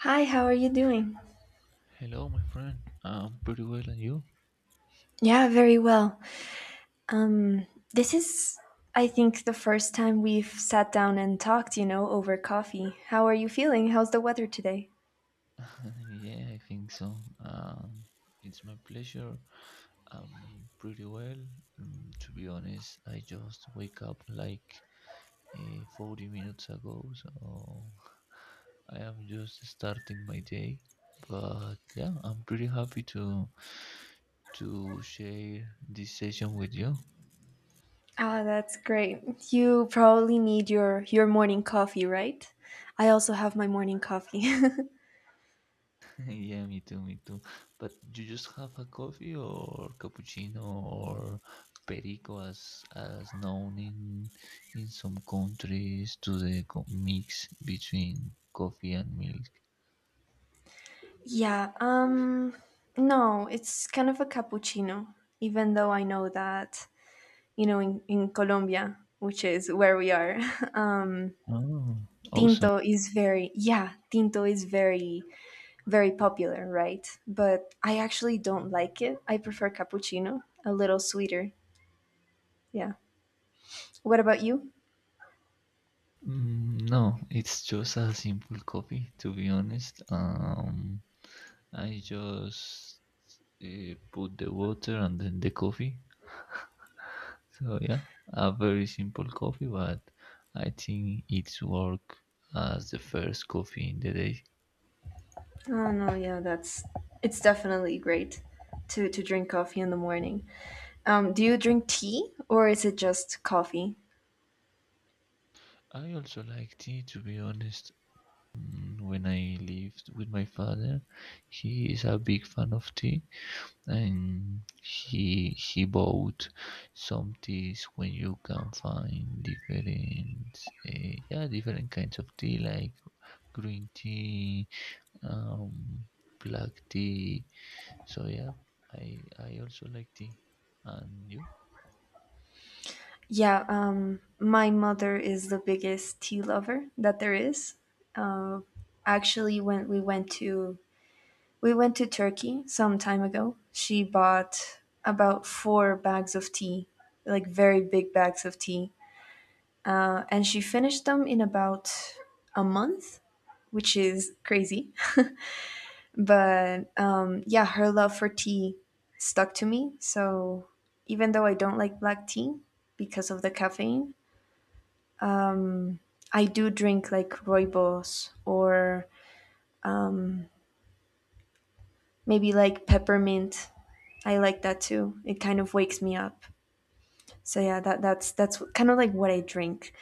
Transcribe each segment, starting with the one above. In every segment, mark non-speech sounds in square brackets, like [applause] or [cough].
Hi, how are you doing? Hello, my friend. I'm pretty well, and you? Yeah, very well. This is, I think, the first time we've sat down and talked, you know, over coffee. How are you feeling? How's the weather today? [laughs] Yeah, I think so. It's my pleasure. I'm pretty well. Mm, to be honest, I just wake up like 40 minutes ago, so [laughs] I am just starting my day. But yeah, I'm pretty happy to share this session with you. Ah, that's great. You probably need your morning coffee, right? I also have my morning coffee. [laughs] Yeah, me too, me too. But you just have a coffee or cappuccino or perico as known in some countries to the mix between coffee and milk. [laughs] yeah, um no, it's kind of a cappuccino, even though I know that, you know, in Colombia, which is where we are, Oh, [laughs] awesome. tinto is very, yeah, tinto is very popular, right? But I actually don't like it. I prefer cappuccino, a little sweeter. Yeah. What about you? Mm, no, it's just a simple coffee, to be honest. I just put the water and then the coffee. So yeah, a very simple coffee, but I think it's work as the first coffee in the day. Oh no, yeah, that's it's definitely great to drink coffee in the morning. Do you drink tea or is it just coffee? I also like tea, to be honest. Mm, when I lived with my father, he is a big fan of tea, and he bought some teas when you can find different, yeah, different kinds of tea like green tea, um, black tea. So yeah, I also like tea. And you? Yeah, my mother is the biggest tea lover that there is. Uh, Actually, when we went to we went to Turkey some time ago. She bought about four bags of tea, like very big bags of tea, and she finished them in about a month, which is crazy. [laughs] but Yeah, her love for tea stuck to me. So even though I don't like black tea because of the caffeine, I do drink like rooibos or maybe like peppermint. I like that too. It kind of wakes me up. So yeah, that's kind of like what I drink.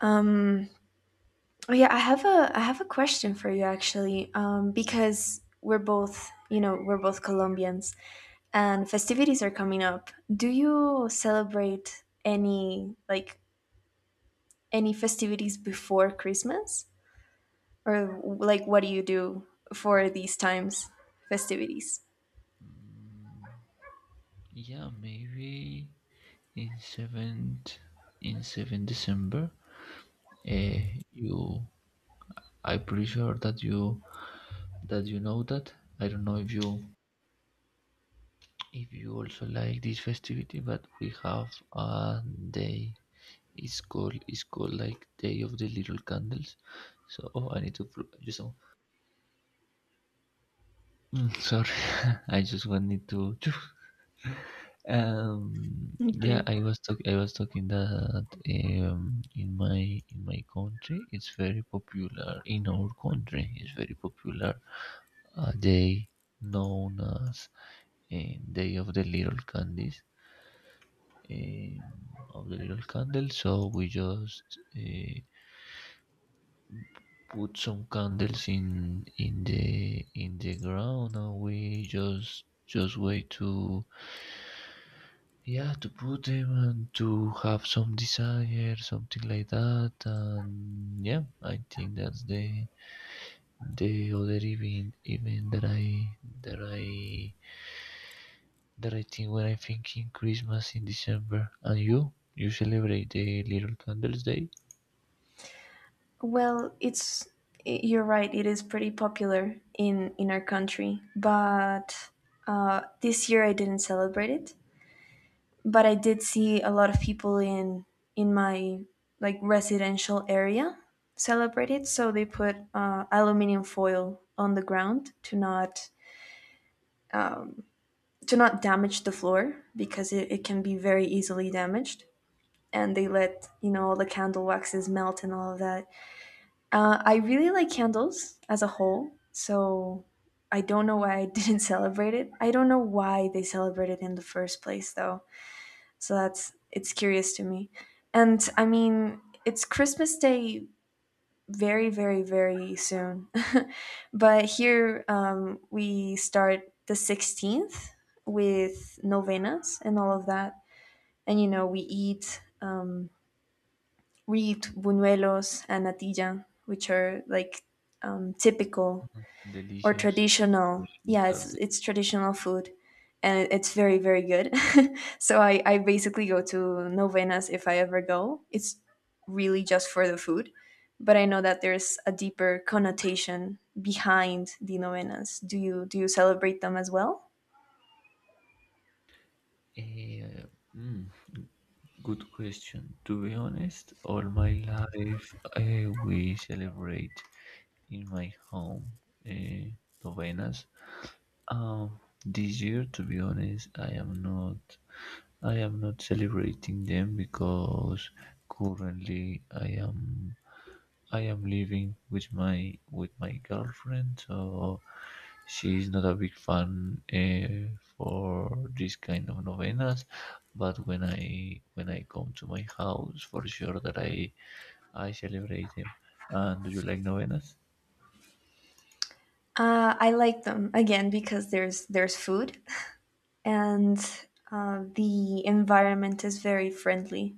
um oh yeah, I have a I have a question for you actually. Because we're both, you know, we're both Colombians and festivities are coming up, do you celebrate any like any festivities before Christmas, or like what do you do for these times festivities? Mm, yeah, maybe in seventh in seventh December. Uh, you, I'm pretty sure that you know that. I don't know if you also like this festivity, but we have a day. It's called like Day of the Little Candles. So oh, I need to just oh, mm, sorry. [laughs] I just wanted to. [laughs] Yeah, Okay. I was talking that in my country it's very popular. In our country, it's very popular a day known as Day of the Little Candies, um, of the Little Candles. So we just put some candles in the ground, and we just wait to yeah, to put them and to have some desire, something like that. And yeah, I think that's the other event that I that I that I think when I think in Christmas in December. And you celebrate the Little Candles Day. Well, it's you're right. It is pretty popular in our country, but this year I didn't celebrate it. But I did see a lot of people in my like residential area celebrate it. So they put aluminium foil on the ground to not damage the floor because it can be very easily damaged. And they let, you know, all the candle waxes melt and all of that. I really like candles as a whole, so I don't know why I [laughs] didn't celebrate it. I don't know why they celebrate it in the first place, though. So that's it's curious to me. And I mean, it's Christmas Day very, very, very soon, [laughs] but here, we start the 16th with novenas and all of that, and you know we eat, we eat buñuelos and natilla, which are like, typical Mhm. or Delicious. traditional, Questions yeah, are it's delicious. traditional food, and it's very very good. [laughs] So I basically go to novenas. If I ever go, it's really just for the food, but I know that there's a deeper connotation behind the novenas. Do you do you celebrate them as well? Eh, mm, Good question. To be honest, all my life we celebrate in my home, uh, novenas. Um, this year, to be honest, I am not. I am not celebrating them because currently I am. I am living with my girlfriend, so she's not a big fan for this kind of novenas. But when I come to my house, for sure that I celebrate them. And do you like novenas? I like them, again, because there's food and, the environment is very friendly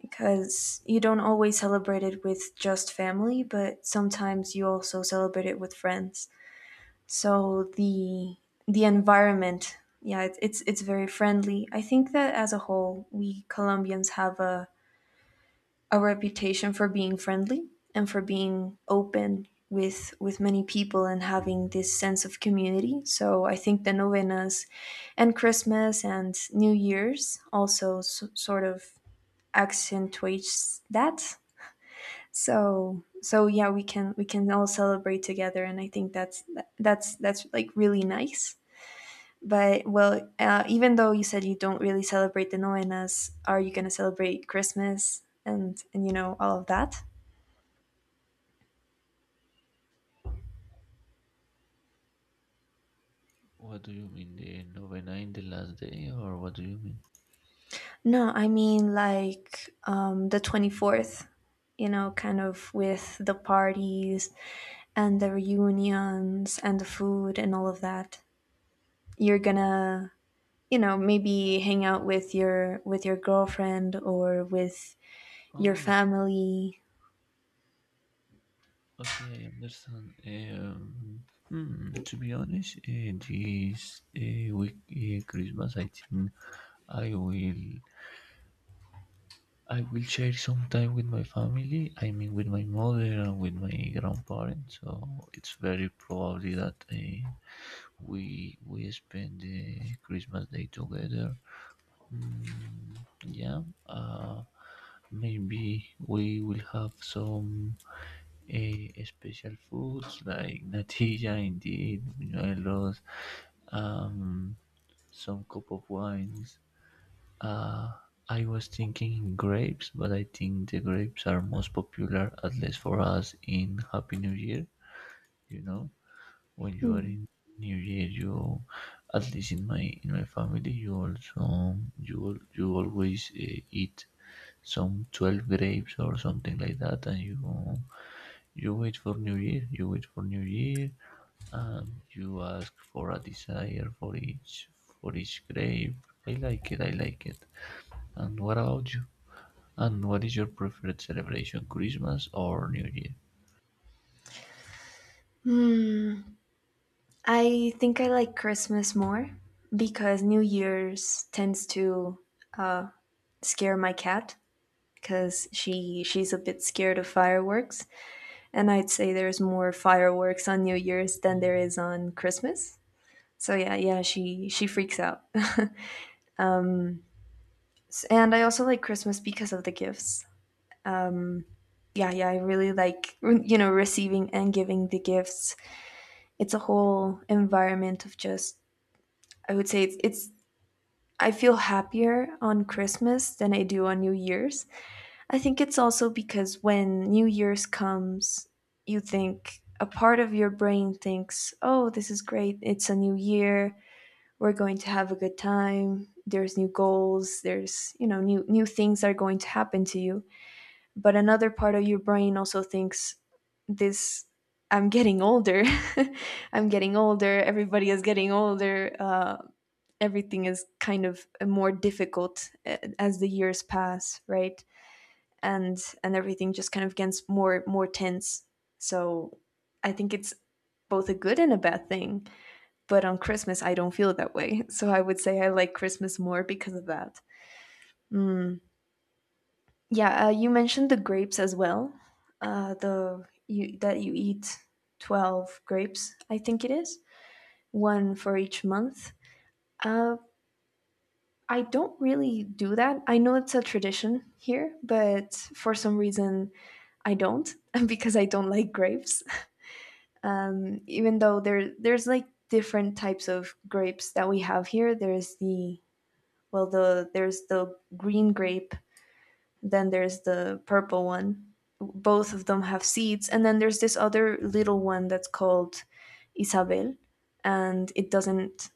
because you don't always celebrate it with just family, but sometimes you also celebrate it with friends. So the environment, yeah, it's very friendly. I think that as a whole, we Colombians have a reputation for being friendly and for being open with many people and having this sense of community. So I think the novenas and Christmas and New Year's also sort of accentuates that. So so yeah, we can all celebrate together and I think that's that's like really nice. But well, even though you said you don't really celebrate the novenas, are you going to celebrate Christmas and you know, all of that? What do you mean, the novena in the last day, or what do you mean? No, I mean, like, the 24th, you know, kind of with the parties and the reunions and the food and all of that. You're gonna, you know, maybe hang out with your girlfriend or with your Oh, family. okay, I understand. To be honest, this week Christmas, I think I will I will share some time with my family. I mean, with my mother and with my grandparents. So it's very probably that we spend the Christmas day together. Mm, yeah. Maybe we will have some special foods like natilla, [laughs] indeed, buñuelos, um, some cup of wines. Uh, I was thinking grapes, but I think the grapes are most popular, at least for us, in Happy New Year. You know, when you are Hmm. in New Year, you, at least in my family, you also you always eat some 12 grapes or something like that, and you wait for New Year, and you ask for a desire for each grape. I like it, I like it. And what about you? And what is your preferred celebration, Christmas or New Year? I think I like Christmas more because New Year's tends to scare my cat, because she's a bit scared of fireworks, and I'd say there's more fireworks on New Year's Uh, than there is on Christmas. So yeah, yeah, she freaks out. [laughs] And I also like Christmas because of the gifts. Yeah, yeah, I really like, you know, receiving and giving the gifts. It's a whole environment of just, I would say it's, I feel happier on Christmas than I do on New Year's. I think it's also because when New Year's comes, you think, a part of your brain thinks, oh, this is great, it's a new year, we're going to have a good time, there's new goals, there's, you know, new things are going to happen to you. But another part of your brain also thinks this, I'm getting older, [laughs] I'm getting older, everybody is getting older. Everything is kind of more difficult, as the years pass, right? And everything just kind of gets more tense. So I think it's both a good and a bad thing, but on Christmas I don't feel that way. [laughs] So I would say I like Christmas more because of that. Mm. Yeah, you mentioned the grapes as well. The You that you eat 12 grapes, I think it is, one for each month. Uh, I don't really do that. I know it's a tradition here, but for some reason I don't, [laughs] because I don't like grapes. [laughs] Even though there there's like different types of grapes that we have here. There's the there's the green grape. Then there's the purple one. Both of them have seeds. And then there's this other little one that's called Isabel. And it doesn't,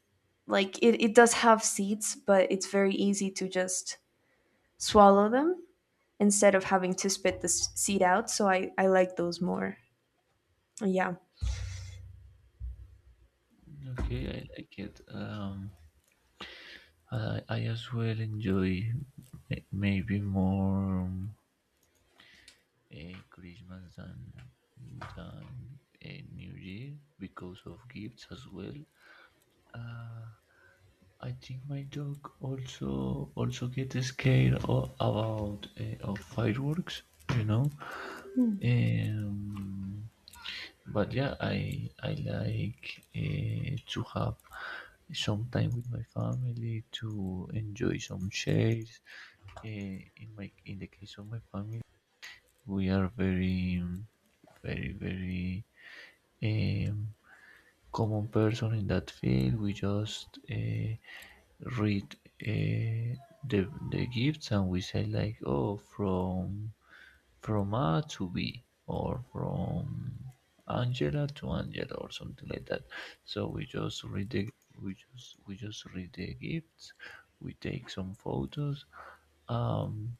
like, it does have seeds, but it's very easy to just swallow them instead of having to spit the seed out. So I like those more. Yeah. Okay, I like it. I as well enjoy may- maybe more a Christmas than a New Year because of gifts as well. Uh, I think my dog also gets scared o about of fireworks, you know. Um, but yeah, I like to have some time with my family to enjoy some shares. In my in the case of my family, we are very um, common person in that field. We just read uh, the the gifts, and we say like, oh, from A to B or from Angela to Angela or something like that. So we just read the we just read the gifts. We take some photos. Um,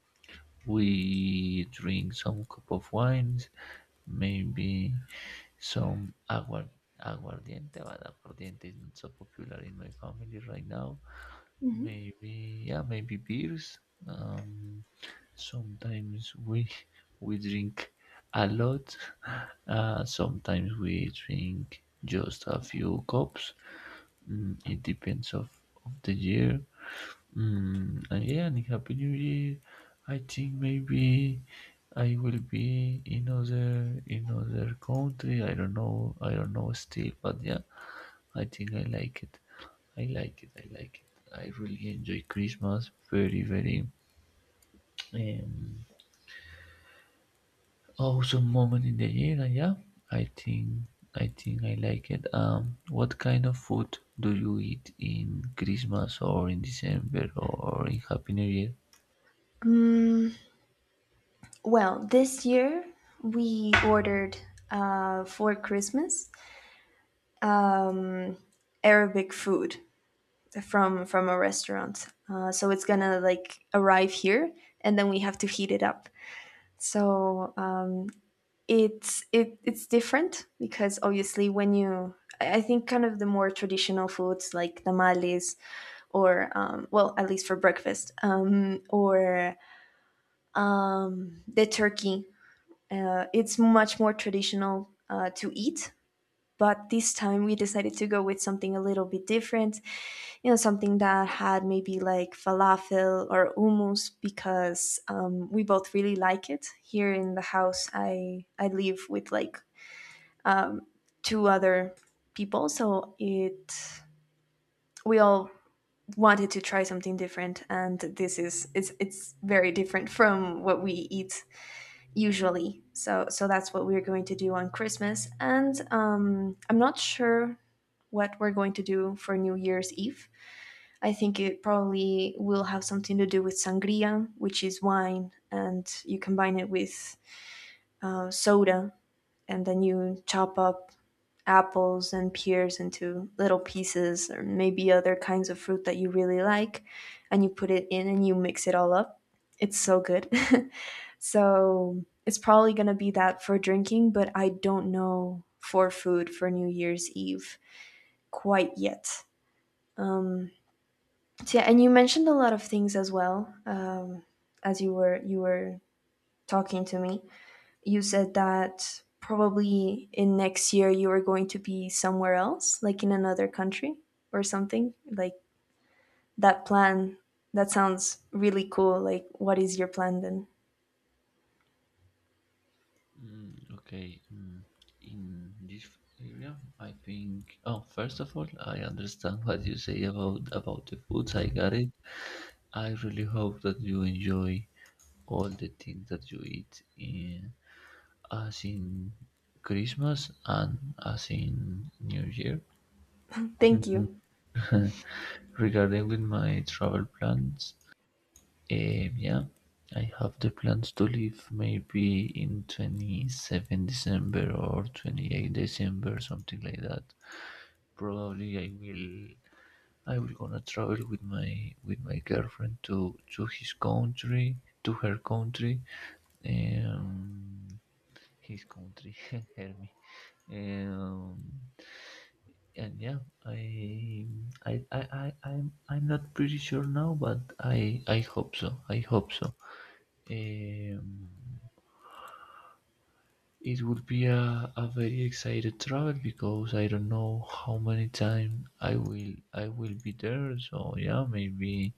we drink some cup of wines, maybe some aguardiente, but aguardiente is not so popular in my family right now. Mm-hmm. Maybe, yeah, maybe beers. Um, Sometimes we [laughs] we drink a lot. Sometimes we drink just a few cups. Mm, it depends of the year. Mm, and yeah, and Happy New Year. I think maybe I will be in other country. I don't know. I don't know still, but yeah, I think I like it. I like it. I like it. I really enjoy Christmas. Very very um, awesome moment in the year. And yeah, I think I think I like it. What kind of food do you eat in Christmas or in December or in Happy New Year? Well, this year we ordered for Christmas, um, Arabic food from a restaurant. So it's gonna like arrive here, and then we have to heat it up. So it's it's different because obviously when you, I think kind of the more traditional foods like tamales or, well, at least for breakfast, or the turkey, it's much more traditional to eat. But this time we decided to go with something a little bit different, you know, something that had maybe like falafel or hummus, because we both really like it. Here in the house, I live with like two other people, so it we all wanted to try something different, and this is, it's very different from what we eat usually. So so that's what we're going to do on Christmas. And I'm not sure what we're going to do for New Year's Eve. I think it probably will have something to do with sangria, which is wine, and you combine it with, soda, and then you chop up apples and pears into little pieces, or maybe other kinds of fruit that you really like, and you put it in and you mix it all up. It's so good. [laughs] So it's probably going to be that for drinking, but I don't know for food for New Year's Eve quite yet. So yeah, and you mentioned a lot of things as well, as you were talking to me. You said that probably in next year you are going to be somewhere else, like in another country or something. Like that plan, that sounds really cool. Like, what is your plan then? Mm, okay. Mm, in this area, I think. Oh, first of all, I understand what you say about the foods. I got it. I really hope that you enjoy all the things that you eat in as in Christmas and as in New Year. Thank Mm, you. [laughs] regarding with my travel plans, um, yeah, I have the plans to leave maybe in December 27 or December 28, something like that. Probably I will gonna travel with my girlfriend to his country, to her country, um, his country, [laughs] help me. Um, and yeah, I I'm not pretty sure now, but I hope so. I hope so. Um, it would be a very excited travel because I don't know how many time I will be there. So yeah, maybe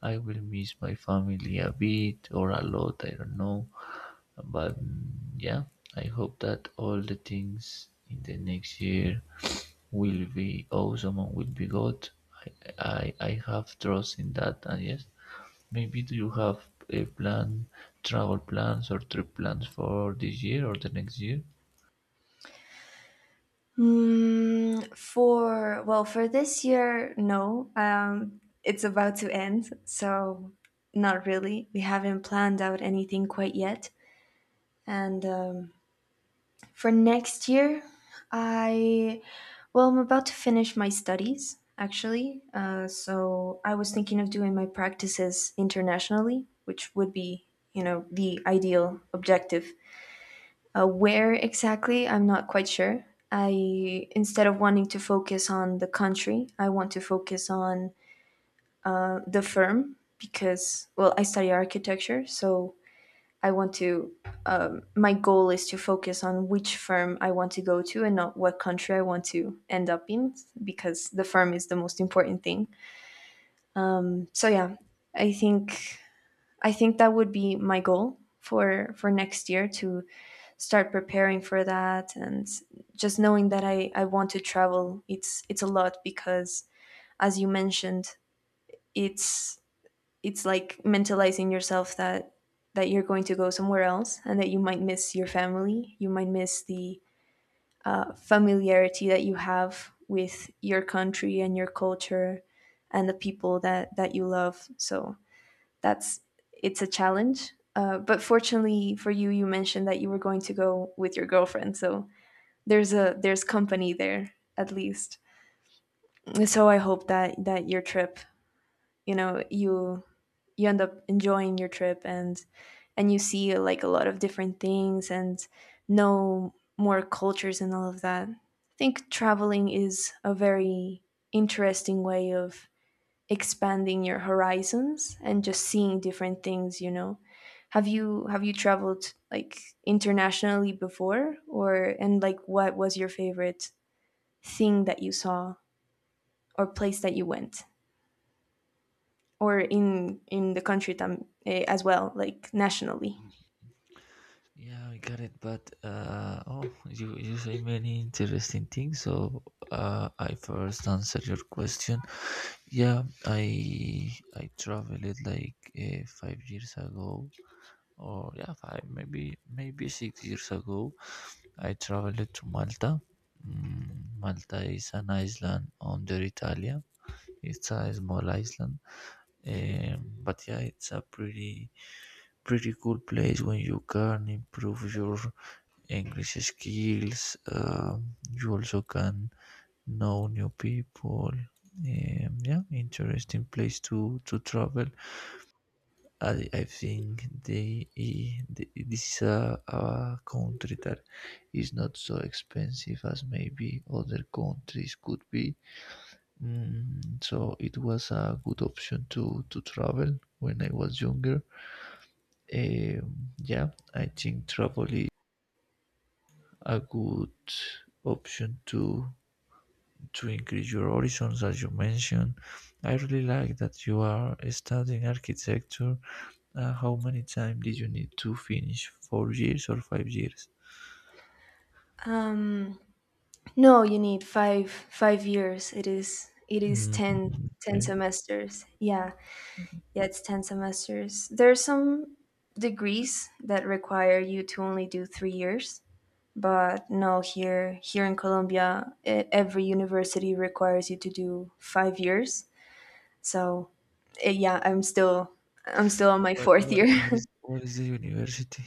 I will miss my family a bit or a lot. I don't know, but mm, yeah, I hope that all the things in the next year will be awesome and will be good. I have trust in that, and yes, maybe do you have a plan, travel plans or trip plans for this year or the next year? Mm, for, well, for this year, no. It's about to end, so not really. We haven't planned out anything quite yet, and. For next year, I well, I'm about to finish my studies actually. So I was thinking of doing my practices internationally, which would be, you know, the ideal objective. Where exactly, I'm not quite sure. I Instead of wanting to focus on the country, I want to focus on the firm, because well, I study architecture, so I want to, my goal is to focus on which firm I want to go to and not what country I want to end up in, because the firm is the most important thing. So yeah, I think I think that would be my goal for next year, to start preparing for that. And just knowing that I want to travel. It's a lot because as you mentioned, it's it's like mentalizing yourself that you're going to go somewhere else and that you might miss your family, you might miss the familiarity that you have with your country and your culture and the people that you love. So that's it's a challenge, but fortunately for you, you mentioned that you were going to go with your girlfriend, so there's a, there's company there at least. So I hope that your trip you know you you end up enjoying your trip and you see like a lot of different things and know more cultures and all of that. I think traveling is a very interesting way of expanding your horizons and just seeing different things, Have you traveled like internationally before? Or and like what was your favorite thing that you saw or place that you went, or in the country, as well, like nationally? Yeah, I got it. But oh, you say many interesting things. So I first answer your question. Yeah, I traveled like 5 years ago, or yeah, five maybe maybe 6 years ago. I traveled to Malta. Mm, Malta is an island under Italia. It's a small island. But yeah, it's a pretty cool place when you can improve your English skills. You also can know new people. Yeah, interesting place to travel. I think the this is a country that is not so expensive as maybe other countries could be. Mm, so it was a good option to travel when I was younger. Yeah, I think travel is a good option to increase your horizons, as you mentioned. I really like that you are studying architecture. How many time did you need to finish? 4 years or 5 years? Um No, you need five years. It is Mm, 10 ten okay. semesters. Yeah, yeah, it's 10 semesters. There are some degrees that require you to only do 3 years, but no, here in Colombia, e- every university requires you to do 5 years. So, yeah, I'm still on my What fourth what year. what is [laughs] what is the university?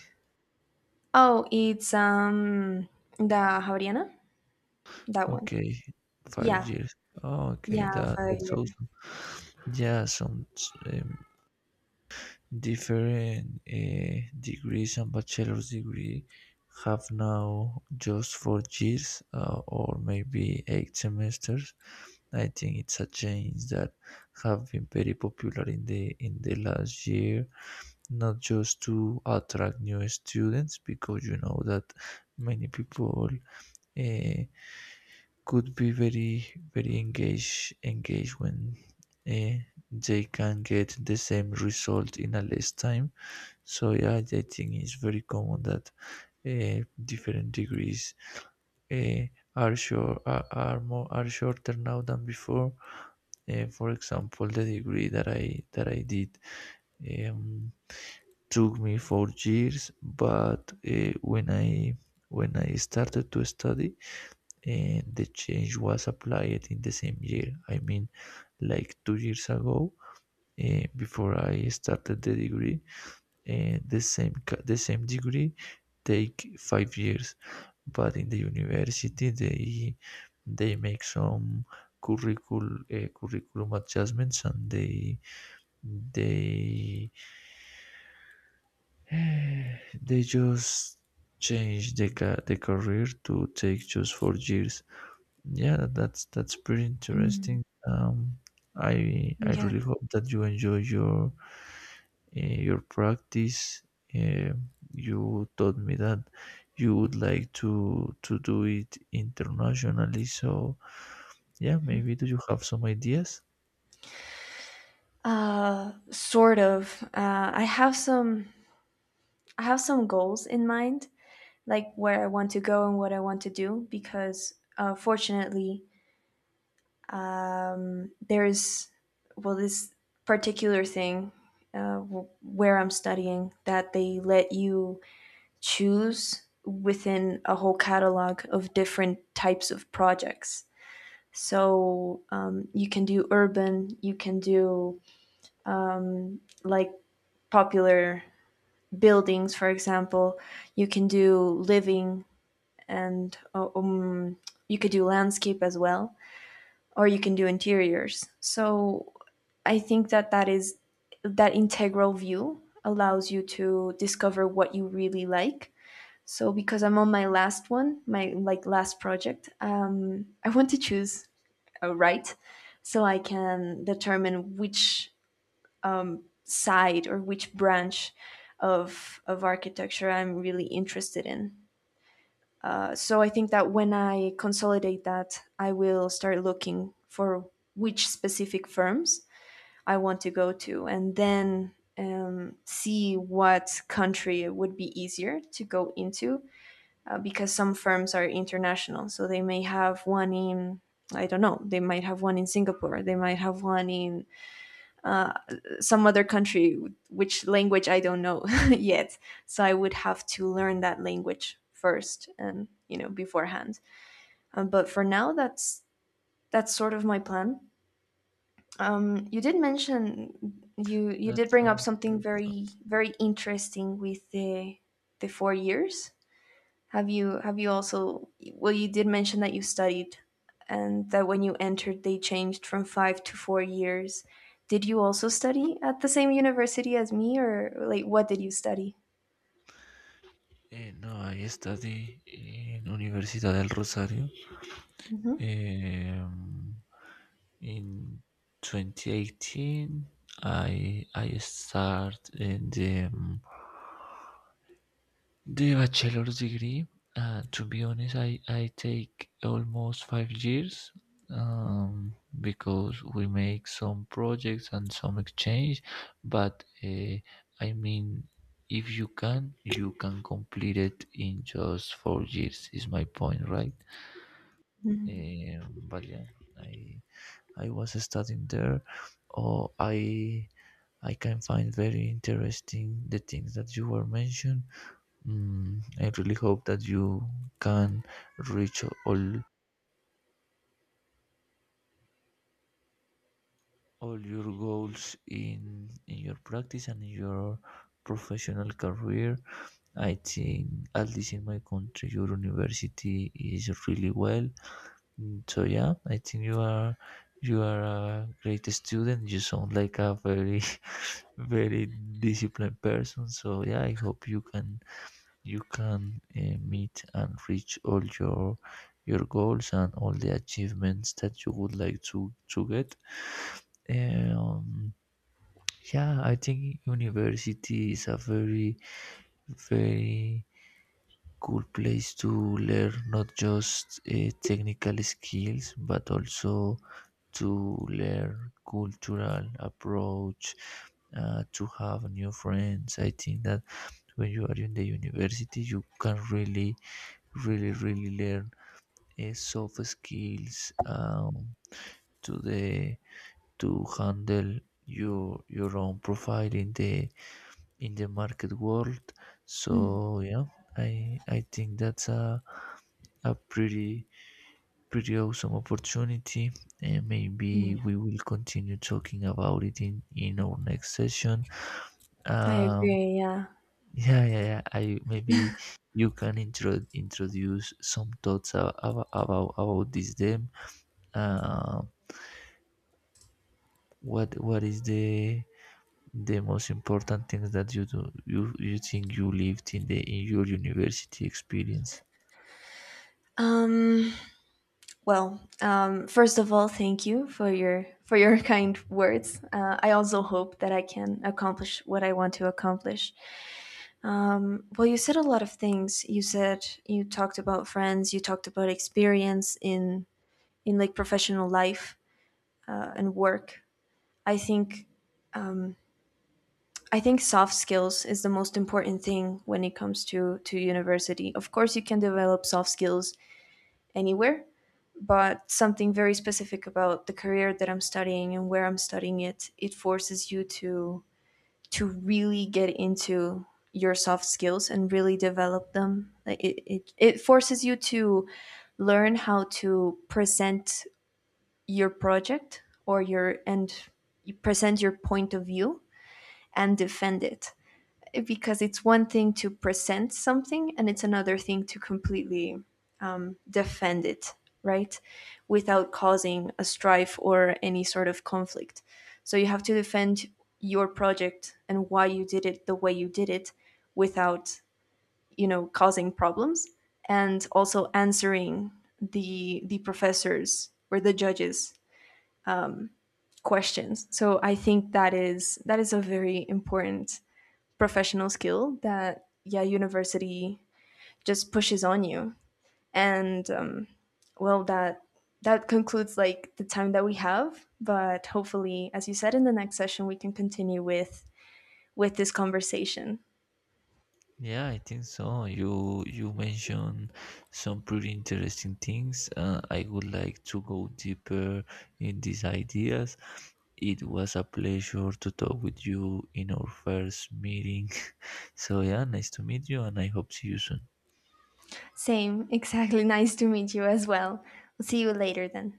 Oh, it's the Javeriana, that one. Okay, five Yeah, years. Oh, okay, yeah, that five that's year. awesome. Yeah, some um, different degrees and bachelor's degree have now just 4 years or maybe 8 semesters. I think it's a change that have been very popular in the last year, not just to attract new students because you know that many people uh, could be very engaged when uh, they can get the same result in a less time. So yeah, I think it's very common that different degrees uh, are short are more are shorter now than before. For example, the degree that I did um, took me 4 years, but when I started to study, the change was applied in the same year. I mean, like 2 years ago, before I started the degree, and the same degree take 5 years, but in the university they make some curricul curriculum adjustments, and they [sighs] they just change the the career to take just 4 years. That's pretty interesting. Mm. Um, I Yeah. really hope that you enjoy your practice. Uh, you taught me that you would like to do it internationally. So yeah, maybe do you have some ideas? Sort of. I have some goals in mind, like where I want to go and what I want to do, because fortunately, there's, well, this particular thing w- where I'm studying, that they let you choose within a whole catalog of different types of projects. So you can do urban, you can do like popular buildings, for example. You can do living and you could do landscape as well, or you can do interiors. So I think that that is that integral view allows you to discover what you really like. So because I'm on my last one, my like last project, I want to choose a right, so I can determine which side or which branch of architecture I'm really interested in. So I think that when I consolidate that, I will start looking for which specific firms I want to go to, and then see what country would be easier to go into, because some firms are international. So they may have one in, I don't know, they might have one in Singapore, they might have one in uh, some other country, which language I don't know [laughs] yet. So I would have to learn that language first and, you know, beforehand. But for now, that's sort of my plan. You did mention, you you That did bring up sound. something that sound- very very interesting with the 4 years. Have you also, well, you did mention that you studied and that when you entered they changed from 5 to 4 years. Did you also study at the same university as me, or like what did you study? Eh, no, I study in Universidad del Rosario. Hmm. Um, in 2018, I start in the the bachelor's degree, to be honest, I take almost 5 years because we make some projects and some exchange. But I mean, if you can, you can complete it in just 4 years. Is my point right? Mhm. But yeah, I I was studying there, or I can find very interesting the things that you were mentioned. Mm, I really hope that you can reach all your goals in your practice and in your professional career. I think at least in my country, your university is really well. Mm, so yeah, I think you are a great student. You sound like a very [laughs] very disciplined person. So yeah, I hope you can meet and reach all your goals and all the achievements that you would like to get. Um, yeah, I think university is a very cool place to learn not just technical skills, but also to learn cultural approach, to have new friends. I think that when you are in the university you can really learn soft skills, to the to handle your own profile in the market world. So yeah, I think that's a pretty awesome opportunity, and maybe we will continue talking about it in our next session. I Um, agree, yeah. yeah, yeah, I maybe you can introduce some thoughts about, about this then. Uh, what is the most important things that you think you lived in the in your university experience? Um, Well, first of all, thank you for your [laughs] kind words. I also hope that I can accomplish what I want to accomplish. Well, you said a lot of things. You said, you talked about friends. You talked about experience in like professional life, and work. I think I think soft skills is the most important thing when it comes to university. Of course, you can develop soft skills anywhere, but something very specific about the career that I'm studying and where I'm studying it, it forces you to really get into your soft skills and really develop them. Like it forces you to learn how to present your project or your, and you present your point of view and defend it, because it's one thing to present something and it's another thing to completely defend it, right? Without causing a strife or any sort of conflict. So you have to defend your project and why you did it the way you did it without, you know, causing problems, and also answering the professors or the judges' questions. So I think that is a very important professional skill that yeah, university just pushes on you. And well, that concludes like the time that we have, but hopefully, as you said, in the next session we can continue with this conversation. Yeah, I think so. You mentioned some pretty interesting things. I would like to go deeper in these ideas. It was a pleasure to talk with you in our first meeting. [laughs] So yeah, nice to meet you, and I hope see you soon. Same exactly. [laughs] Nice to meet you as well. We'll see you later then.